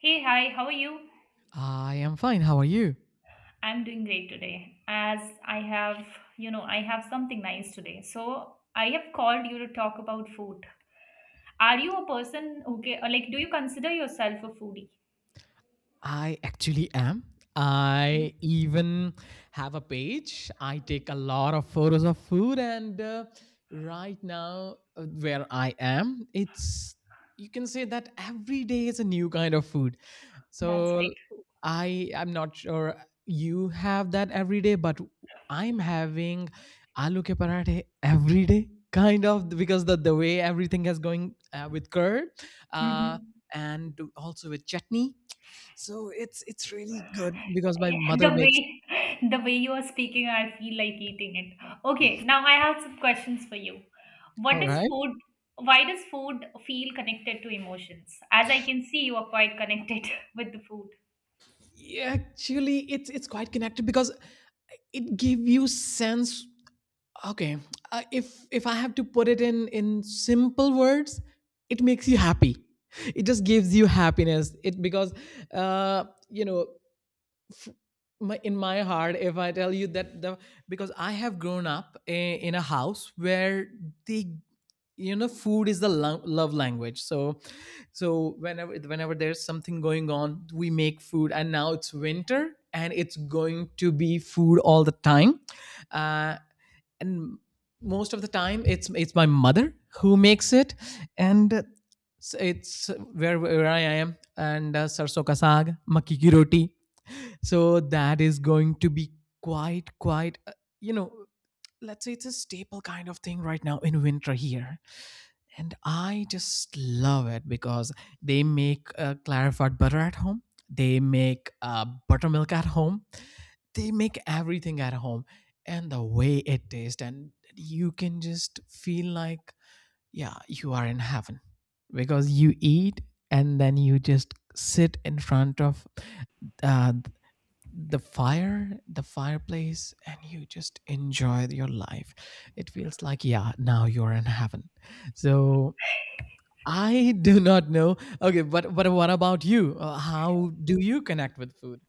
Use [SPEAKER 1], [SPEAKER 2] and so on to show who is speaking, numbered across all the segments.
[SPEAKER 1] Hey, hi, how are you?
[SPEAKER 2] I am fine. How are you?
[SPEAKER 1] I'm doing great today. As I have, you know, I have something nice today. So I have called you to talk about food. Are you a person, okay, or like, do you consider yourself a foodie?
[SPEAKER 2] I actually am.
[SPEAKER 1] Okay.
[SPEAKER 2] I even have a page. I take a lot of photos of food, and right now, where I am, it's you can say that every day is a new kind of food.
[SPEAKER 1] That's
[SPEAKER 2] So
[SPEAKER 1] great.
[SPEAKER 2] I am not sure you have that every day, but I'm having aloo ke parathe every day, kind of because the way everything is going, with curd, uh,
[SPEAKER 1] Hmm.
[SPEAKER 2] and also with chutney. So it's really good because my
[SPEAKER 1] the
[SPEAKER 2] mother makes.
[SPEAKER 1] way, the way you are speaking, I feel like eating it. Okay, now I have some questions for you.
[SPEAKER 2] All
[SPEAKER 1] What is
[SPEAKER 2] right.
[SPEAKER 1] food? Why does food feel connected to emotions? As I can see, you are quite connected with the food.
[SPEAKER 2] Yeah, actually, it's quite connected, because it give you sense. Okay, if I have to put it in simple words, it makes you happy. It just gives you happiness. It, because you know. F- my, in my heart, if I tell you that the because I have grown up in a house where the food is the love language. So whenever there's something going on, we make food, and now it's winter and it's going to be food all the time, uh, and most of the time it's my mother who makes it, and it's where I am, and sarso ka saag makki ki roti. So that is going to be quite, you know let's say it's a staple kind of thing right now in winter here. And I just love it because they make clarified butter at home. They make buttermilk at home. They make everything at home. And the way it tastes, and you can just feel like, yeah, you are in heaven, because you eat and then you just sit in front of uh, the fireplace, and you just enjoy your life. It feels like, yeah, now you're in heaven. So I do not know. Okay, but what about you? How do you connect with food?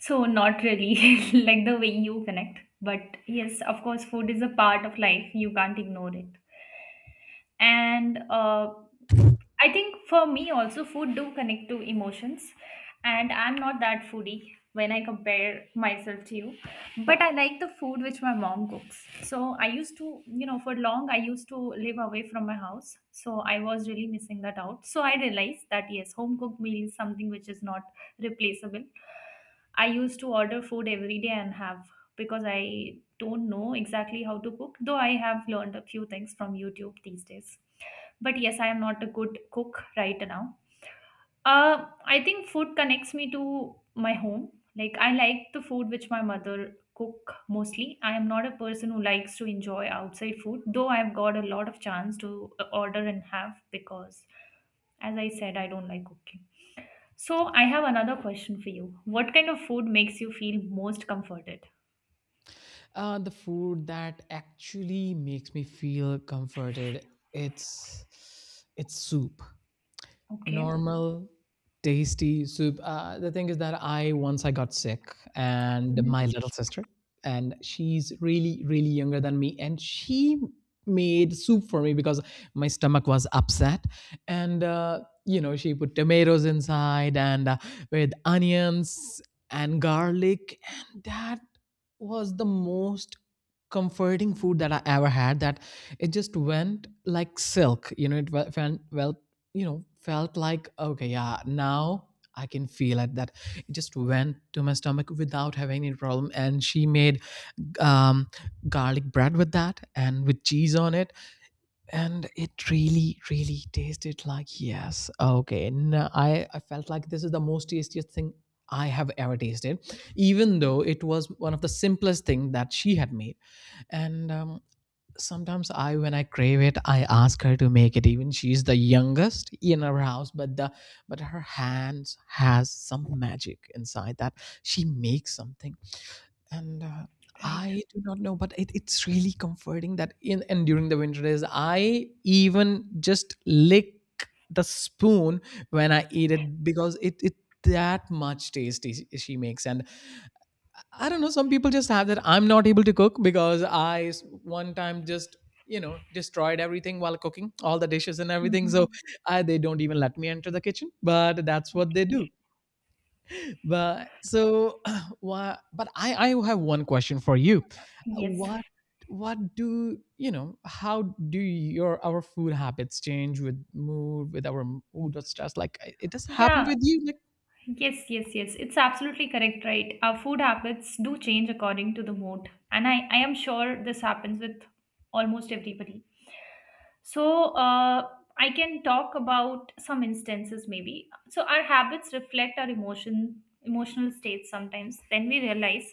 [SPEAKER 1] So not really like the way you connect, but yes, of course, food is a part of life. You can't ignore it. And I think for me also food do connect to emotions, and I'm not that foodie when I compare myself to you, but I like the food which my mom cooks. So I used to, for long, I used to live away from my house, so I was really missing that out. So I realized that yes, home cooked meal is something which is not replaceable. I used to order food every day and have, because I don't know exactly how to cook, though I have learned a few things from YouTube these days. But yes, I am not a good cook right now. uh I think food connects me to my home. Like, I like the food which my mother cook mostly. I am not a person who likes to enjoy outside food, though I've got a lot of chance to order and have, because as I said, I don't like cooking. So I have another question for you. What kind of food makes you feel most comforted?
[SPEAKER 2] The food that actually makes me feel comforted, it's soup
[SPEAKER 1] Okay.
[SPEAKER 2] normal, tasty soup. The thing is that I once I got sick, and
[SPEAKER 1] Mhm.
[SPEAKER 2] my little sister and she's really really younger than me and she made soup for me because my stomach was upset. And she put tomatoes inside, and with onions and garlic, and that was the most comforting food that I ever had. That it just went like silk, it went well, felt like, okay, yeah, now I can feel it that it just went to my stomach without having any problem. And she made um, garlic bread with that and with cheese on it. And it really really tasted like, yes, okay. And I felt like, this is the most tastiest thing I have ever tasted. Even though it was one of the simplest thing that she had made. And sometimes I when I crave it, I ask her to make it. Even she's the youngest in our house, but her hands has some magic inside, that she makes something. And
[SPEAKER 1] Right.
[SPEAKER 2] I do not know, but it's really comforting, that in and during the winter days, I even just lick the spoon when I eat it, because it that much tasty she makes. And I don't know, some people just have that. I'm not able to cook because one time just destroyed everything while cooking all the dishes and everything. So
[SPEAKER 1] Mhm.
[SPEAKER 2] they don't even let me enter the kitchen, but that's what they do. But so, wha but I have one question for you.
[SPEAKER 1] Yes.
[SPEAKER 2] What what do you know? How do your our food habits change with mood, with our mood or stress? Like, it does happen
[SPEAKER 1] Yeah.
[SPEAKER 2] with you? Like,
[SPEAKER 1] Yes, yes, yes. It's absolutely correct, right? Our food habits do change according to the mood. And I am sure this happens with almost everybody. So, I can talk about some instances maybe. So, our habits reflect our emotional states sometimes. Then we realize,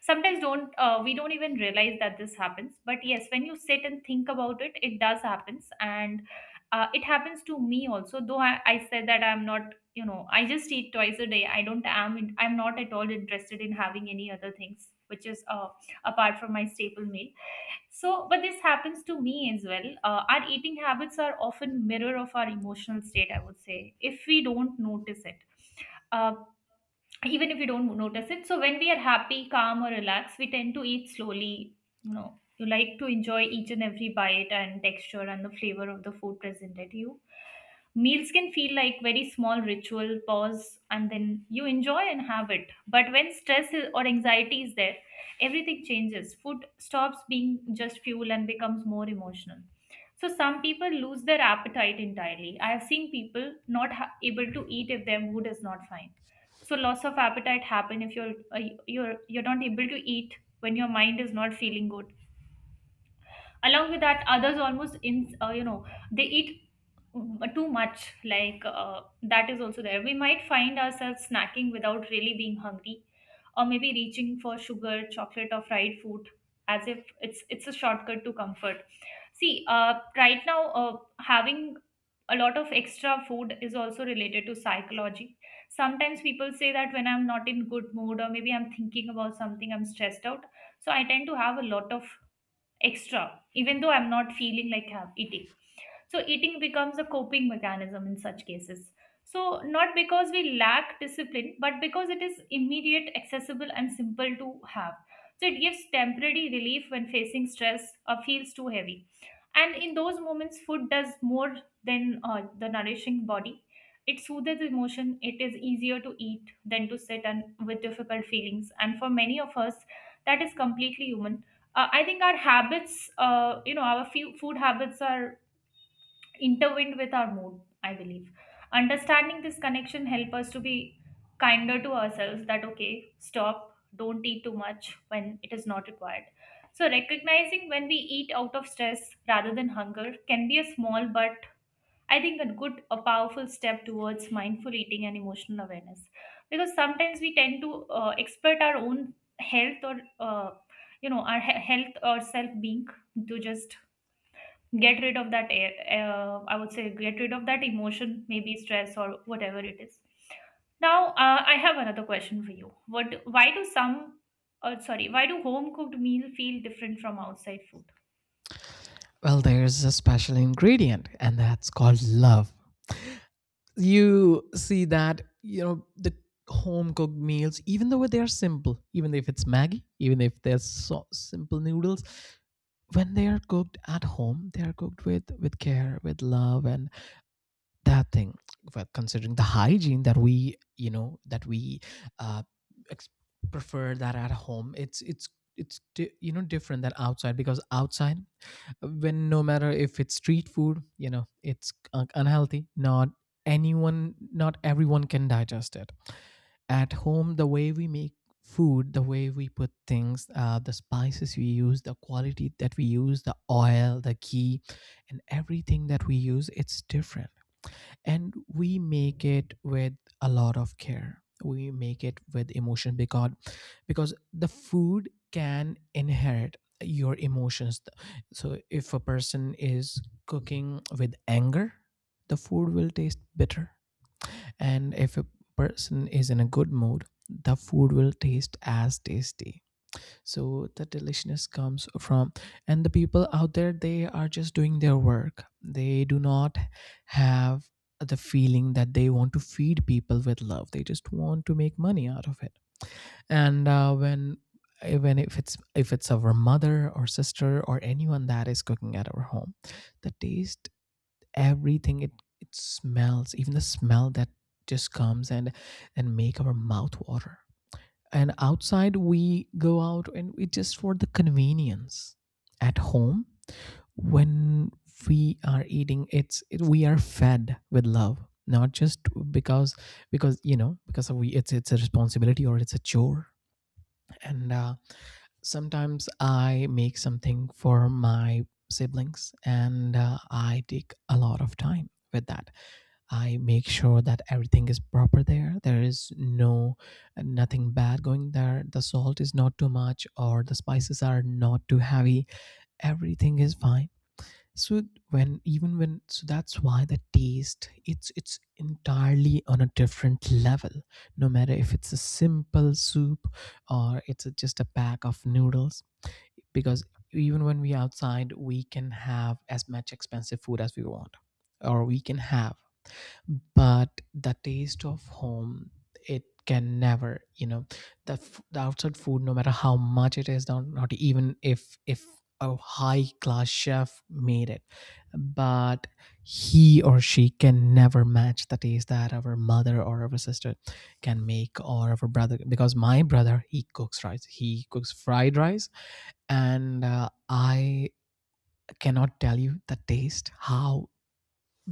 [SPEAKER 1] sometimes don't we don't even realize that this happens. But yes, when you sit and think about it, it does happens. And it happens to me also. Though I said that I'm not, I just eat twice a day. I'm not at all interested in having any other things, which is apart from my staple meal. So, but this happens to me as well. Our eating habits are often mirror of our emotional state, I would say, if we don't notice it. Uh, Even if we don't notice it. So when we are happy, calm, or relaxed, we tend to eat slowly. You know, you like to enjoy each and every bite and texture and the flavor of the food presented to you. Meals can feel like very small ritual pause and then you enjoy and have it. But when stress or anxiety is there, everything changes. Food stops being just fuel and becomes more emotional. So some people lose their appetite entirely. I have seen people not able to eat if their mood is not fine. So loss of appetite happen if you're not able to eat when your mind is not feeling good. Along with that, others almost in, they eat too much. Like, that is also there. We might find ourselves snacking without really being hungry, or maybe reaching for sugar, chocolate, or fried food as if it's a shortcut to comfort. See, right now, having a lot of extra food is also related to psychology. Sometimes people say that when I'm not in good mood or maybe I'm thinking about something, I'm stressed out, so I tend to have a lot of extra, even though I'm not feeling like have eating. So eating becomes a coping mechanism in such cases. So not because we lack discipline, but because it is immediate, accessible, and simple to have. So it gives temporary relief when facing stress or feels too heavy. And in those moments, food does more than the nourishing body. It soothes emotion. It is easier to eat than to sit and with difficult feelings. And for many of us, that is completely human. I think our habits, our few food habits are intertwined with our mood, I believe. Understanding this connection help us to be kinder to ourselves, that okay, stop, don't eat too much when it is not required. So recognizing when we eat out of stress rather than hunger can be a small, but I think, a good, a powerful step towards mindful eating and emotional awareness. Because sometimes we tend to expert our own health or, our health or self being, to just get rid of that, I would say, get rid of that emotion, maybe stress or whatever it is. Now, I have another question for you. What, why do some, sorry, Why do home cooked meal feel different from outside food?
[SPEAKER 2] well, there's a special ingredient, and that's called love. You see that, the home cooked meals, even though they are simple, even if it's maggie, even if they're so simple noodles, when they are cooked at home, they are cooked with care, with love, and that thing. Well, considering the hygiene that we, that we uh ex- prefer that at home, it's different than outside, because outside, when, no matter if it's street food, it's unhealthy. Not everyone can digest it. At home, the way we make food, the way we put things, the spices we use, the quality that we use, the oil, the ghee, and everything that we use, it's different. And we make it with a lot of care. We make it with emotion, because the food can inherit your emotions. So if a person is cooking with anger, the food will taste bitter. And if a person is in a good mood, the food will taste as tasty. So the deliciousness comes from and the people out there, they are just doing their work. They do not have the feeling that they want to feed people with love. They just want to make money out of it. And when even if it's our mother or sister or anyone that is cooking at our home, the taste, everything, it smells, even the smell that just comes and make our mouth water. And outside, we go out, and it's just for the convenience. At home, when we are eating, we are fed with love, not just because because you know because we it's a responsibility or it's a chore. And sometimes I make something for my siblings, and I take a lot of time with that. I make sure that everything is proper there. There is nothing bad going there. The salt is not too much, or the spices are not too heavy. Everything is fine. So when even when so that's why the taste, it's entirely on a different level. No matter if it's a simple soup or just a pack of noodles. Because even when we outside, we can have as much expensive food as we want, or we can have. But the taste of home, it can never, the outside food, no matter how much, it is not even if a high class chef made it. But he or she can never match the taste that our mother or our sister can make, or our brother. Because my brother, he cooks fried rice. And I cannot tell you the taste, how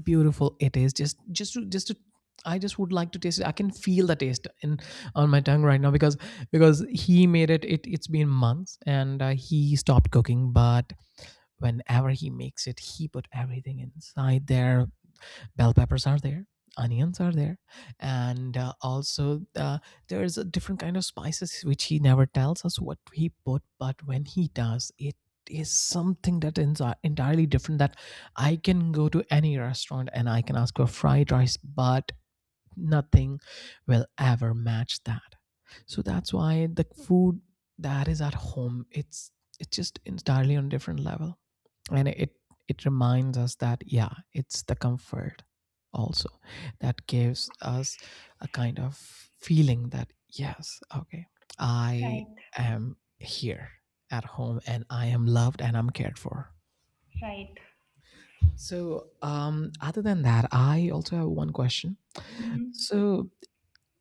[SPEAKER 2] beautiful it is. Just to I just would like to taste it. I can feel the taste in on my tongue right now, because he made it. It's been months, and he stopped cooking, but whenever he makes it, he put everything inside there. Bell peppers are there, onions are there, and also, there is a different kind of spices which he never tells us what he put, but when he does, it is something that is entirely different. That I can go to any restaurant and I can ask for fried rice, but nothing will ever match that. So that's why the food that is at home, it's just entirely on a different level. And it reminds us that, yeah, it's the comfort, also, that gives us a kind of feeling that, yes, okay, I
[SPEAKER 1] Right,
[SPEAKER 2] am here at home, and I am loved, and I'm cared for.
[SPEAKER 1] right.
[SPEAKER 2] So other than that, I also have one question.
[SPEAKER 1] Hmm.
[SPEAKER 2] So,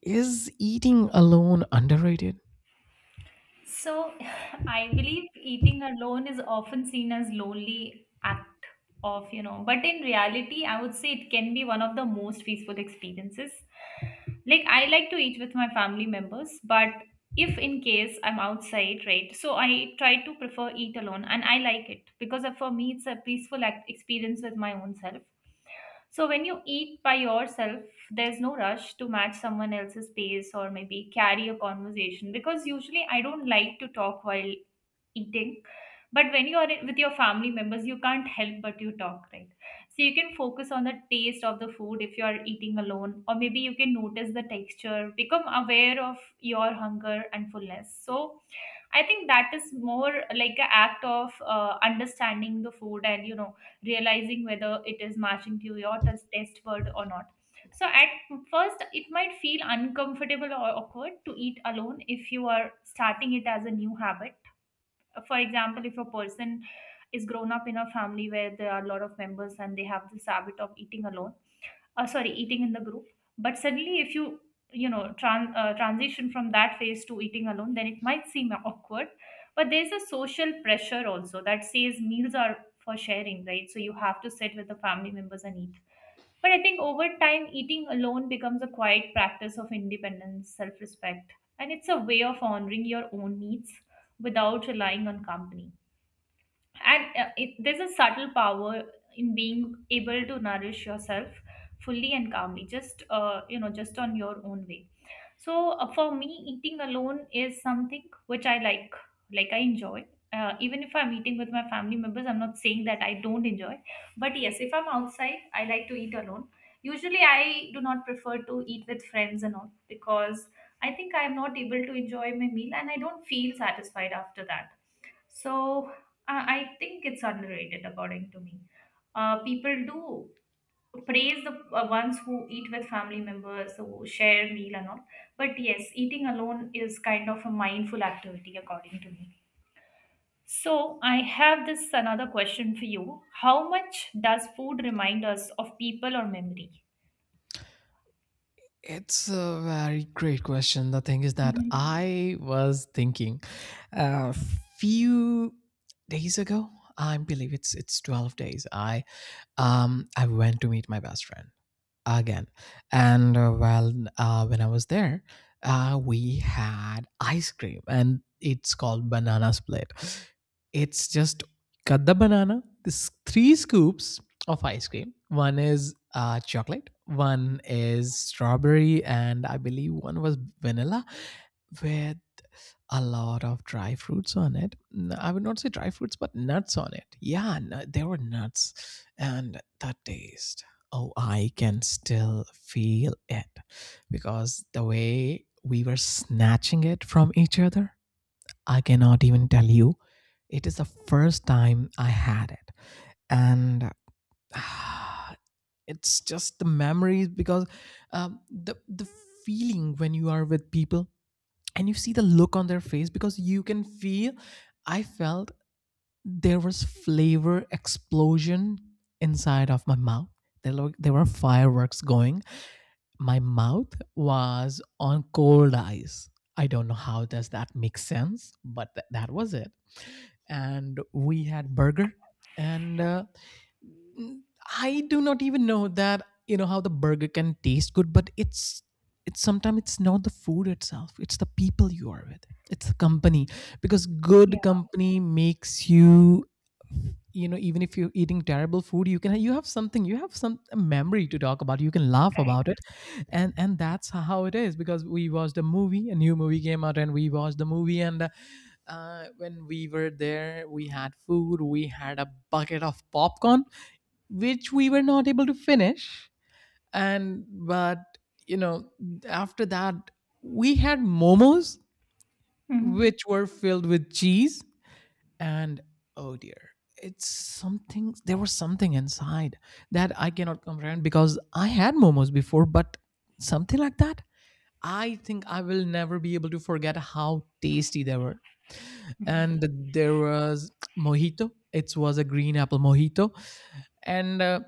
[SPEAKER 2] is eating alone underrated?
[SPEAKER 1] So, I believe eating alone is often seen as lonely act of, but in reality, I would say it can be one of the most peaceful experiences. Like, I like to eat with my family members, but if in case I'm outside, right? So I try to prefer eat alone and I like it, because for me it's a peaceful act experience with my own self. So when you eat by yourself, there's no rush to match someone else's pace or maybe carry a conversation, because usually I don't like to talk while eating. But when you are with your family members, you can't help but you talk, right? So you can focus on the taste of the food if you are eating alone, or maybe you can notice the texture, become aware of your hunger and fullness. So I think that is more like an act of understanding the food, and you know, realizing whether it is matching to your test word or not. So, at first, it might feel uncomfortable or awkward to eat alone if you are starting it as a new habit. For example, if a person is grown up in a family where there are a lot of members, and they have this habit of eating alone sorry eating in the group, but suddenly if you transition from that phase to eating alone, then it might seem awkward. But there's a social pressure also that says meals are for sharing, right? So you have to sit with the family members and eat. But I think over time eating alone becomes a quiet practice of independence, self-respect, and it's a way of honoring your own needs without relying on company. And there's a subtle power in being able to nourish yourself fully and calmly, just just on your own way. So for me eating alone is something which I like. Like, I enjoy, even if I'm eating with my family members, I'm not saying that I don't enjoy. But yes, if I'm outside, I like to eat alone. Usually I do not prefer to eat with friends and all, because I think I'm not able to enjoy my meal and I don't feel satisfied after that. So I think it's underrated, according to me. People do praise the ones who eat with family members, who share meal and all. But yes, eating alone is kind of a mindful activity, according to me. So I have this another question for you. How much does food remind us of people or memory?
[SPEAKER 2] It's a very great question. The thing is that
[SPEAKER 1] Mhm.
[SPEAKER 2] I was thinking a few days ago. I believe it's 12 days. I went to meet my best friend again. And well, when I was there, we had ice cream, and it's called banana split. It's just cut the banana. This three scoops of ice cream. One is chocolate. One is strawberry, and I believe one was vanilla, with a lot of dry fruits on it. I would not say dry fruits, but nuts on it. Yeah, there were nuts, and the taste, oh, I can still feel it, because the way we were snatching it from each other, I cannot even tell you. It is the first time I had it. And ah, it's just the memories. Because the feeling when you are with people, and you see the look on their face, because you can feel I felt there was flavor explosion inside of my mouth. There were fireworks going. My mouth was on cold ice. I don't know how does that make sense, but that was it. And we had burger, and I do not even know that you know how the burger can taste good, but it's sometimes it's not the food itself; it's the people you are with, it's the company, because
[SPEAKER 1] Yeah,
[SPEAKER 2] good company makes you you know even if you're eating terrible food, you have something, you have some a memory to talk about, you can laugh
[SPEAKER 1] right.
[SPEAKER 2] about it. And that's how it is, because we watched a movie, a new movie came out, and we watched the movie, and when we were there we had food, we had a bucket of popcorn which we were not able to finish. And but you know after that we had momos
[SPEAKER 1] Mhm.
[SPEAKER 2] which were filled with cheese. And oh dear, it's something, there was something inside that I cannot comprehend, because I had momos before, but something like that, I think I will never be able to forget how tasty they were. And there was mojito, it was a green apple mojito. And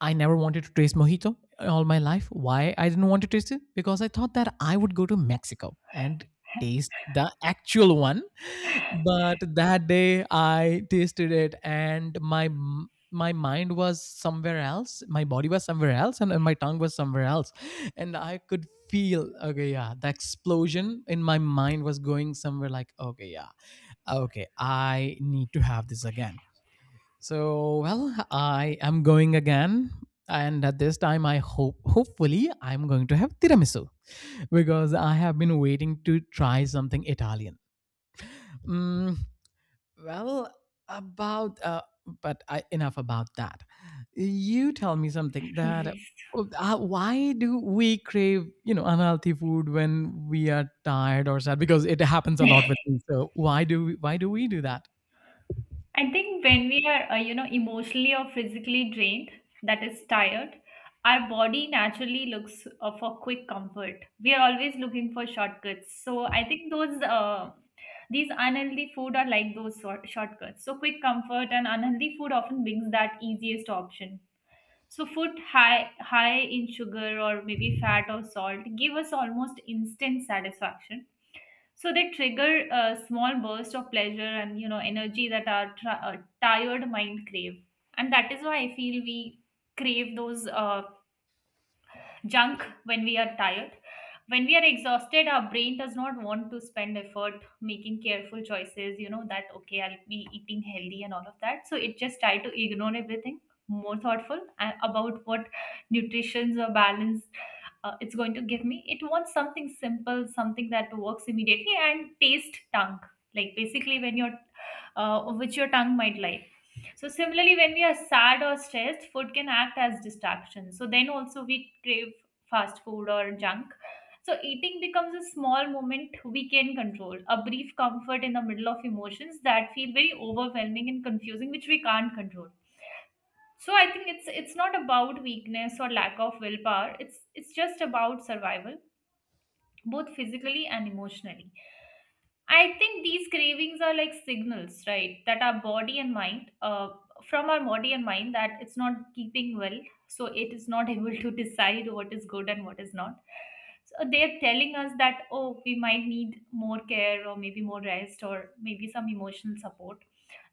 [SPEAKER 2] I never wanted to taste mojito all my life. Why I didn't want to taste it? Because I thought that I would go to Mexico and taste the actual one. But that day I tasted it, and my mind was somewhere else, my body was somewhere else, and my tongue was somewhere else. And I could feel, okay, yeah, the explosion in my mind was going somewhere like, okay, yeah. Okay, I need to have this again, so, well, I am going again. And at this time, I hope, hopefully, I'm going to have tiramisu, because I have been waiting to try something Italian. Mm, well, about, uh, enough about that. You tell me something that,
[SPEAKER 1] Yes.
[SPEAKER 2] oh, why do we crave, unhealthy food when we are tired or sad? Because it happens a lot with me. So why do we do that?
[SPEAKER 1] I think when we are, emotionally or physically drained, that is tired, our body naturally looks for quick comfort. We are always looking for shortcuts. So I think those these unhealthy food are like those sort shortcuts. So quick comfort and unhealthy food often brings that easiest option. So food high in sugar or maybe fat or salt give us almost instant satisfaction, so they trigger a small burst of pleasure and, you know, energy that our tired mind crave. And that is why I feel we crave those junk when we are tired. When we are exhausted, our brain does not want to spend effort making careful choices, you know, that okay, I'll be eating healthy and all of that. So it just try to ignore everything, more thoughtful about what nutrition's or balance it's going to give me. It wants something simple, something that works immediately and taste tongue. Like, basically when your which your tongue might like. So similarly, when we are sad or stressed, food can act as distraction. So then also we crave fast food or junk. So eating becomes a small moment we can control, a brief comfort in the middle of emotions that feel very overwhelming and confusing, which we can't control. So I think it's not about weakness or lack of willpower. It's just about survival, both physically and emotionally. I think these cravings are like signals, right? That our body and mind, From our body and mind, that it's not keeping well. So it is not able to decide what is good and what is not. So they're telling us that, oh, we might need more care or maybe more rest or maybe some emotional support,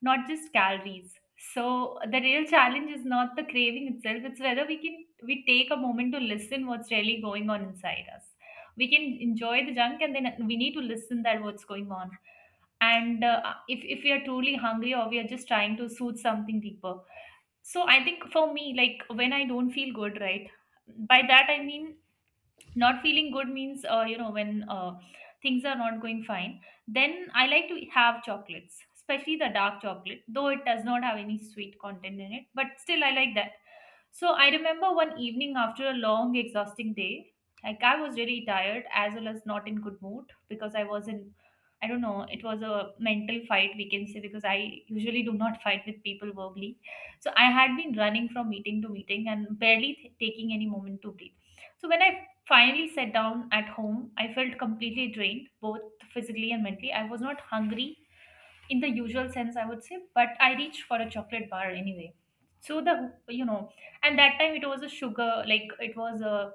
[SPEAKER 1] not just calories. So the real challenge is not the craving itself, it's whether we can we take a moment to listen what's really going on inside us, we can enjoy the junk, and then we need to listen that what's going on, and if we are truly hungry or we are just trying to soothe something deeper. So I think for me, like, when I don't feel good, right? By that I mean not feeling good means, when, things are not going fine, then I like to have chocolates, especially the dark chocolate. Though it does not have any sweet content in it, but still I like that. So I remember one evening after a long exhausting day, like I was really tired as well as not in good mood because I was in, I don't know, it was a mental fight, we can say, because I usually do not fight with people verbally. So I had been running from meeting to meeting and barely taking any moment to breathe. So when I finally sat down at home, I felt completely drained, both physically and mentally. I was not hungry in the usual sense, I would say, but I reached for a chocolate bar anyway. So and that time it was a sugar, like it was a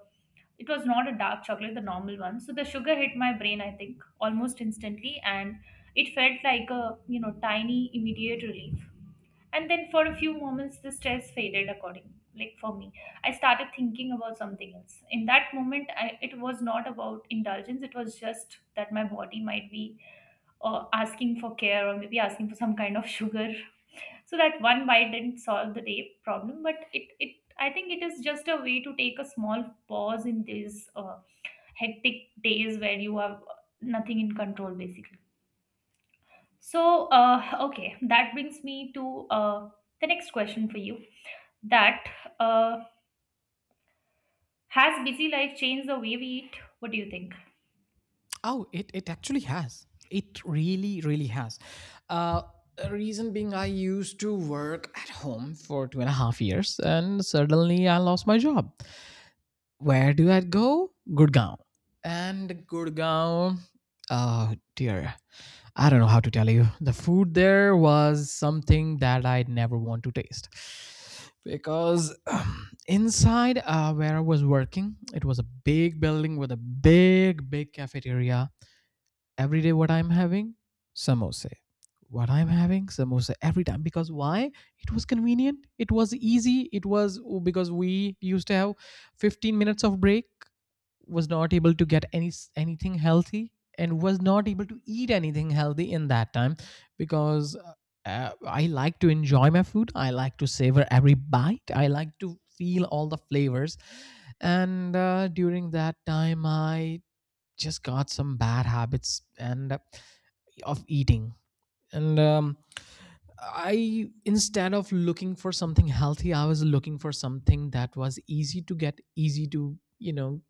[SPEAKER 1] it was not a dark chocolate, the normal one. So the sugar hit my brain, I think, almost instantly, and it felt like a, you know, tiny immediate relief, and then for a few moments the stress faded according, like for me, I started thinking about something else. In that moment, I, it was not about indulgence, it was just that my body might be, asking for care or maybe asking for some kind of sugar. So that one bite didn't solve the day problem, but it, I think it is just a way to take a small pause in these, hectic days where you have nothing in control basically. So, okay, that brings me to, uh, the next question for you, that, uh, has busy life changed the way we eat? What do you think?
[SPEAKER 2] Oh, it actually has. It really, really has. Uh, reason being, I used to work at home for 2.5 years, and suddenly I lost my job. Where do I go? Gurgaon. And Gurgaon, oh dear, I don't know how to tell you. The food there was something that I'd never want to taste. Because inside where I was working, it was a big building with a big, big cafeteria. Every day, what I'm having? Samosa. What I'm having? Samosa, every time, because why? It was convenient, it was easy, it was, oh, because we used to have 15 minutes of break. Was not able to get anything healthy, and was not able to eat anything healthy in that time, because I like to enjoy my food, I like to savor every bite, I like to feel all the flavors. And during that time I just got some bad habits, and of eating. And I, instead of looking for something healthy, I was looking for something that was easy to get, easy to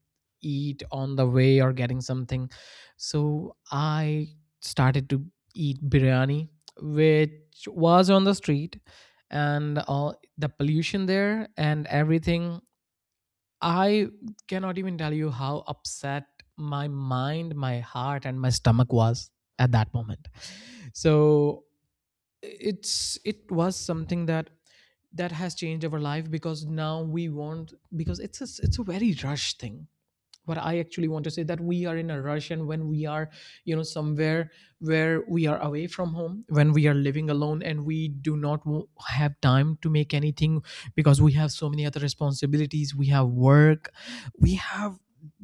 [SPEAKER 2] eat on the way, or getting something. So I started to eat biryani which was on the street, and all the pollution there and everything. I cannot even tell you how upset my mind, my heart, and my stomach was at that moment. So it's, it was something that that has changed our life, because now we want, because it's a very rush thing. What I actually want to say, that we are in a rush, and when we are, somewhere, where we are away from home, when we are living alone, and we do not have time to make anything, because we have so many other responsibilities, we have work, we have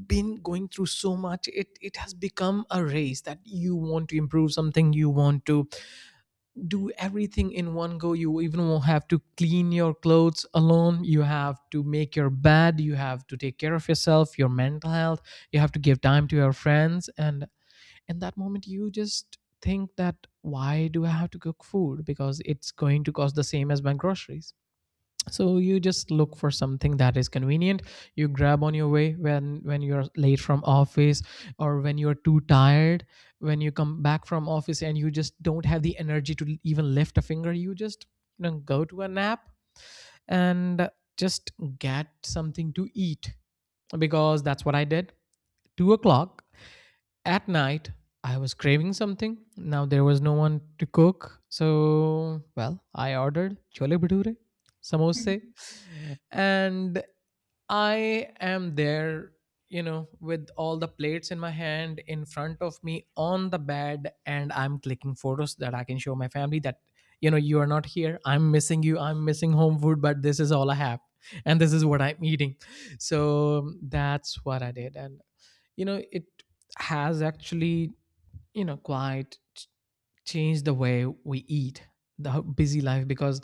[SPEAKER 2] been going through so much. It has become a race that you want to improve something, you want to do everything in one go. You even will have to clean your clothes alone, you have to make your bed, you have to take care of yourself, your mental health, you have to give time to your friends. And in that moment, you just think that, why do I have to cook food, because it's going to cost the same as buying groceries. So you just look for something that is convenient, you grab on your way when you're late from office, or when you're too tired, when you come back from office and you just don't have the energy to even lift a finger. You just, go to a nap, and just get something to eat, because that's what I did. 2 o'clock at night, I was craving something. Now there was no one to cook, so, well, I ordered chole bhature, samosa.
[SPEAKER 1] Mhm.
[SPEAKER 2] And I am there, with all the plates in my hand in front of me on the bed, and I'm clicking photos that I can show my family that, you are not here, I'm missing you, I'm missing home food, but this is all I have, and this is what I'm eating. So that's what I did. And it has actually, quite changed the way we eat, the busy life, because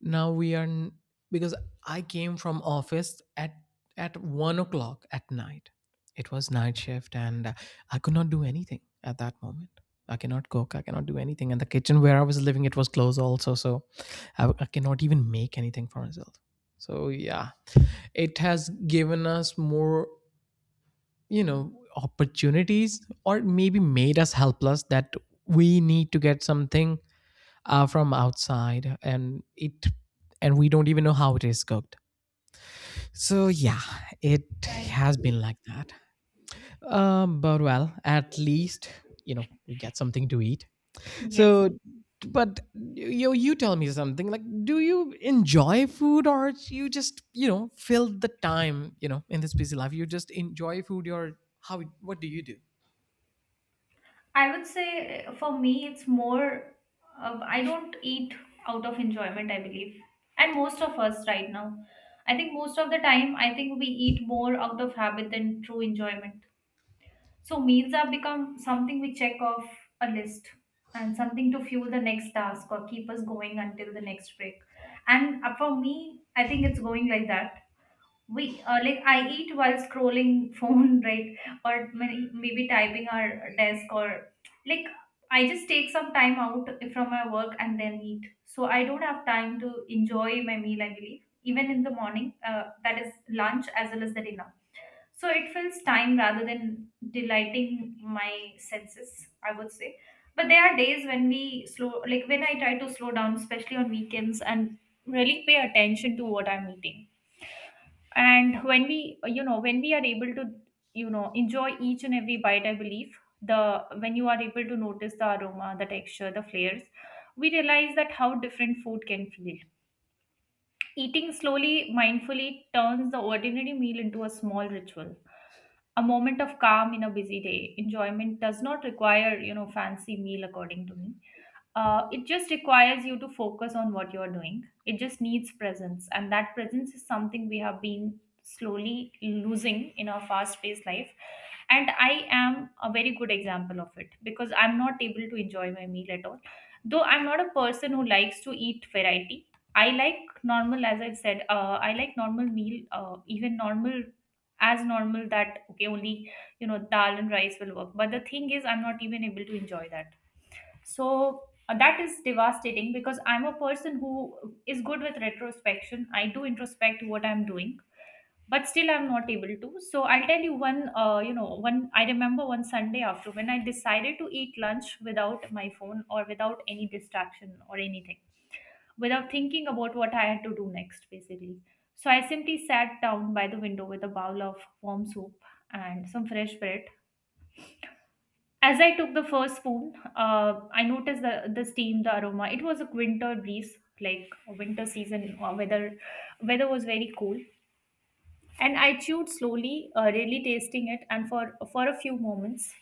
[SPEAKER 2] now we are, because I came from office at, 1 o'clock at night. It was night shift and I could not do anything at that moment. I cannot cook. I cannot do anything. And the kitchen where I was living, it was closed also. So I cannot even make anything for myself. So yeah, it has given us more, opportunities, or maybe made us helpless, that we need to get something from outside, and it, and we don't even know how it is cooked. So yeah, it
[SPEAKER 1] Right.
[SPEAKER 2] has been like that. But, well, at least, we get something to eat.
[SPEAKER 1] Yes.
[SPEAKER 2] So, but, you tell me something, like, do you enjoy food, or you just, fill the time, in this busy life, you just enjoy food? Or how, what do you do?
[SPEAKER 1] I would say, for me, it's more, I don't eat out of enjoyment, I believe. And most of us right now. I think most of the time, I think we eat more out of habit than true enjoyment. So meals have become something we check off a list and something to fuel the next task or keep us going until the next break. And, for me, I think it's going like that. We, like, I eat while scrolling phone right, or maybe typing our desk, or like, I just take some time out from my work and then eat, so I don't have time to enjoy my meal, I believe, even in the morning, that is lunch as well as the dinner. So it fills time rather than delighting my senses, I would say. But there are days when we slow, like when I try to slow down, especially on weekends, and really pay attention to what I'm eating. And when we, you know, when we are able to, you know, enjoy each and every bite, I believe, the when you are able to notice the aroma, the texture, the flavors, we realize that how different food can feel. Eating slowly, mindfully turns the ordinary meal into a small ritual, a moment of calm in a busy day. Enjoyment does not require, you know, fancy meal, according to me. It just requires you to focus on what you're doing. It just needs presence, and that presence is something we have been slowly losing in our fast-paced life. And I am a very good example of it because I'm not able to enjoy my meal at all. Though I'm not a person who likes to eat variety, I like normal, as I said, I like normal meal, even normal, as normal that, okay, only, you know, dal and rice will work. But the thing is, I'm not even able to enjoy that. So, that is devastating because I'm a person who is good with retrospection. I do introspect what I'm doing, but still I'm not able to. So I'll tell you one, I remember one Sunday after when I decided to eat lunch without my phone or without any distraction or anything, without thinking about what I had to do next, basically. So I simply sat down by the window with a bowl of warm soup and some fresh bread. As I took the first spoon, I noticed the steam, the aroma. It was a winter breeze, like a winter season, or weather. Weather was very cool, and I chewed slowly, really tasting it, and for a few moments,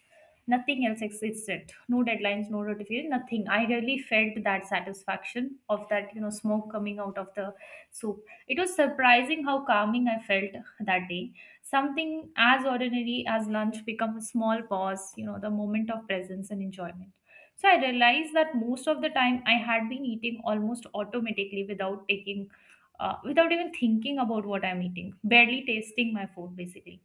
[SPEAKER 1] nothing else existed. No deadlines, no notification, nothing. I really felt that satisfaction of that, you know, smoke coming out of the soup. It was surprising how calming I felt that day. Something as ordinary as lunch become a small pause, you know, the moment of presence and enjoyment. So I realized that most of the time I had been eating almost automatically without taking, without even thinking about what I'm eating, barely tasting my food basically.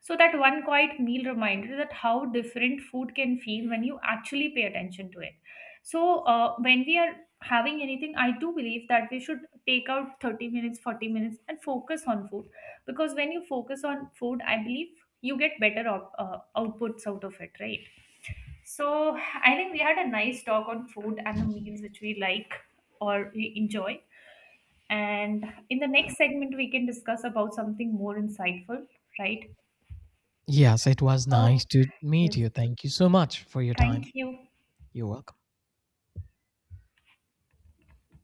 [SPEAKER 1] So that one quiet meal reminder that how different food can feel when you actually pay attention to it. So, when we are having anything, I do believe that we should take out 30 minutes, 40 minutes and focus on food, because when you focus on food, I believe you get better outputs out of it, right? So I think we had a nice talk on food and the meals which we like or we enjoy. And in the next segment, we can discuss about something more insightful, right?
[SPEAKER 2] Yes, it was
[SPEAKER 1] Oh,
[SPEAKER 2] nice to meet
[SPEAKER 1] yes.
[SPEAKER 2] you. Thank you so much for your time.
[SPEAKER 1] Thank you.
[SPEAKER 2] You're welcome.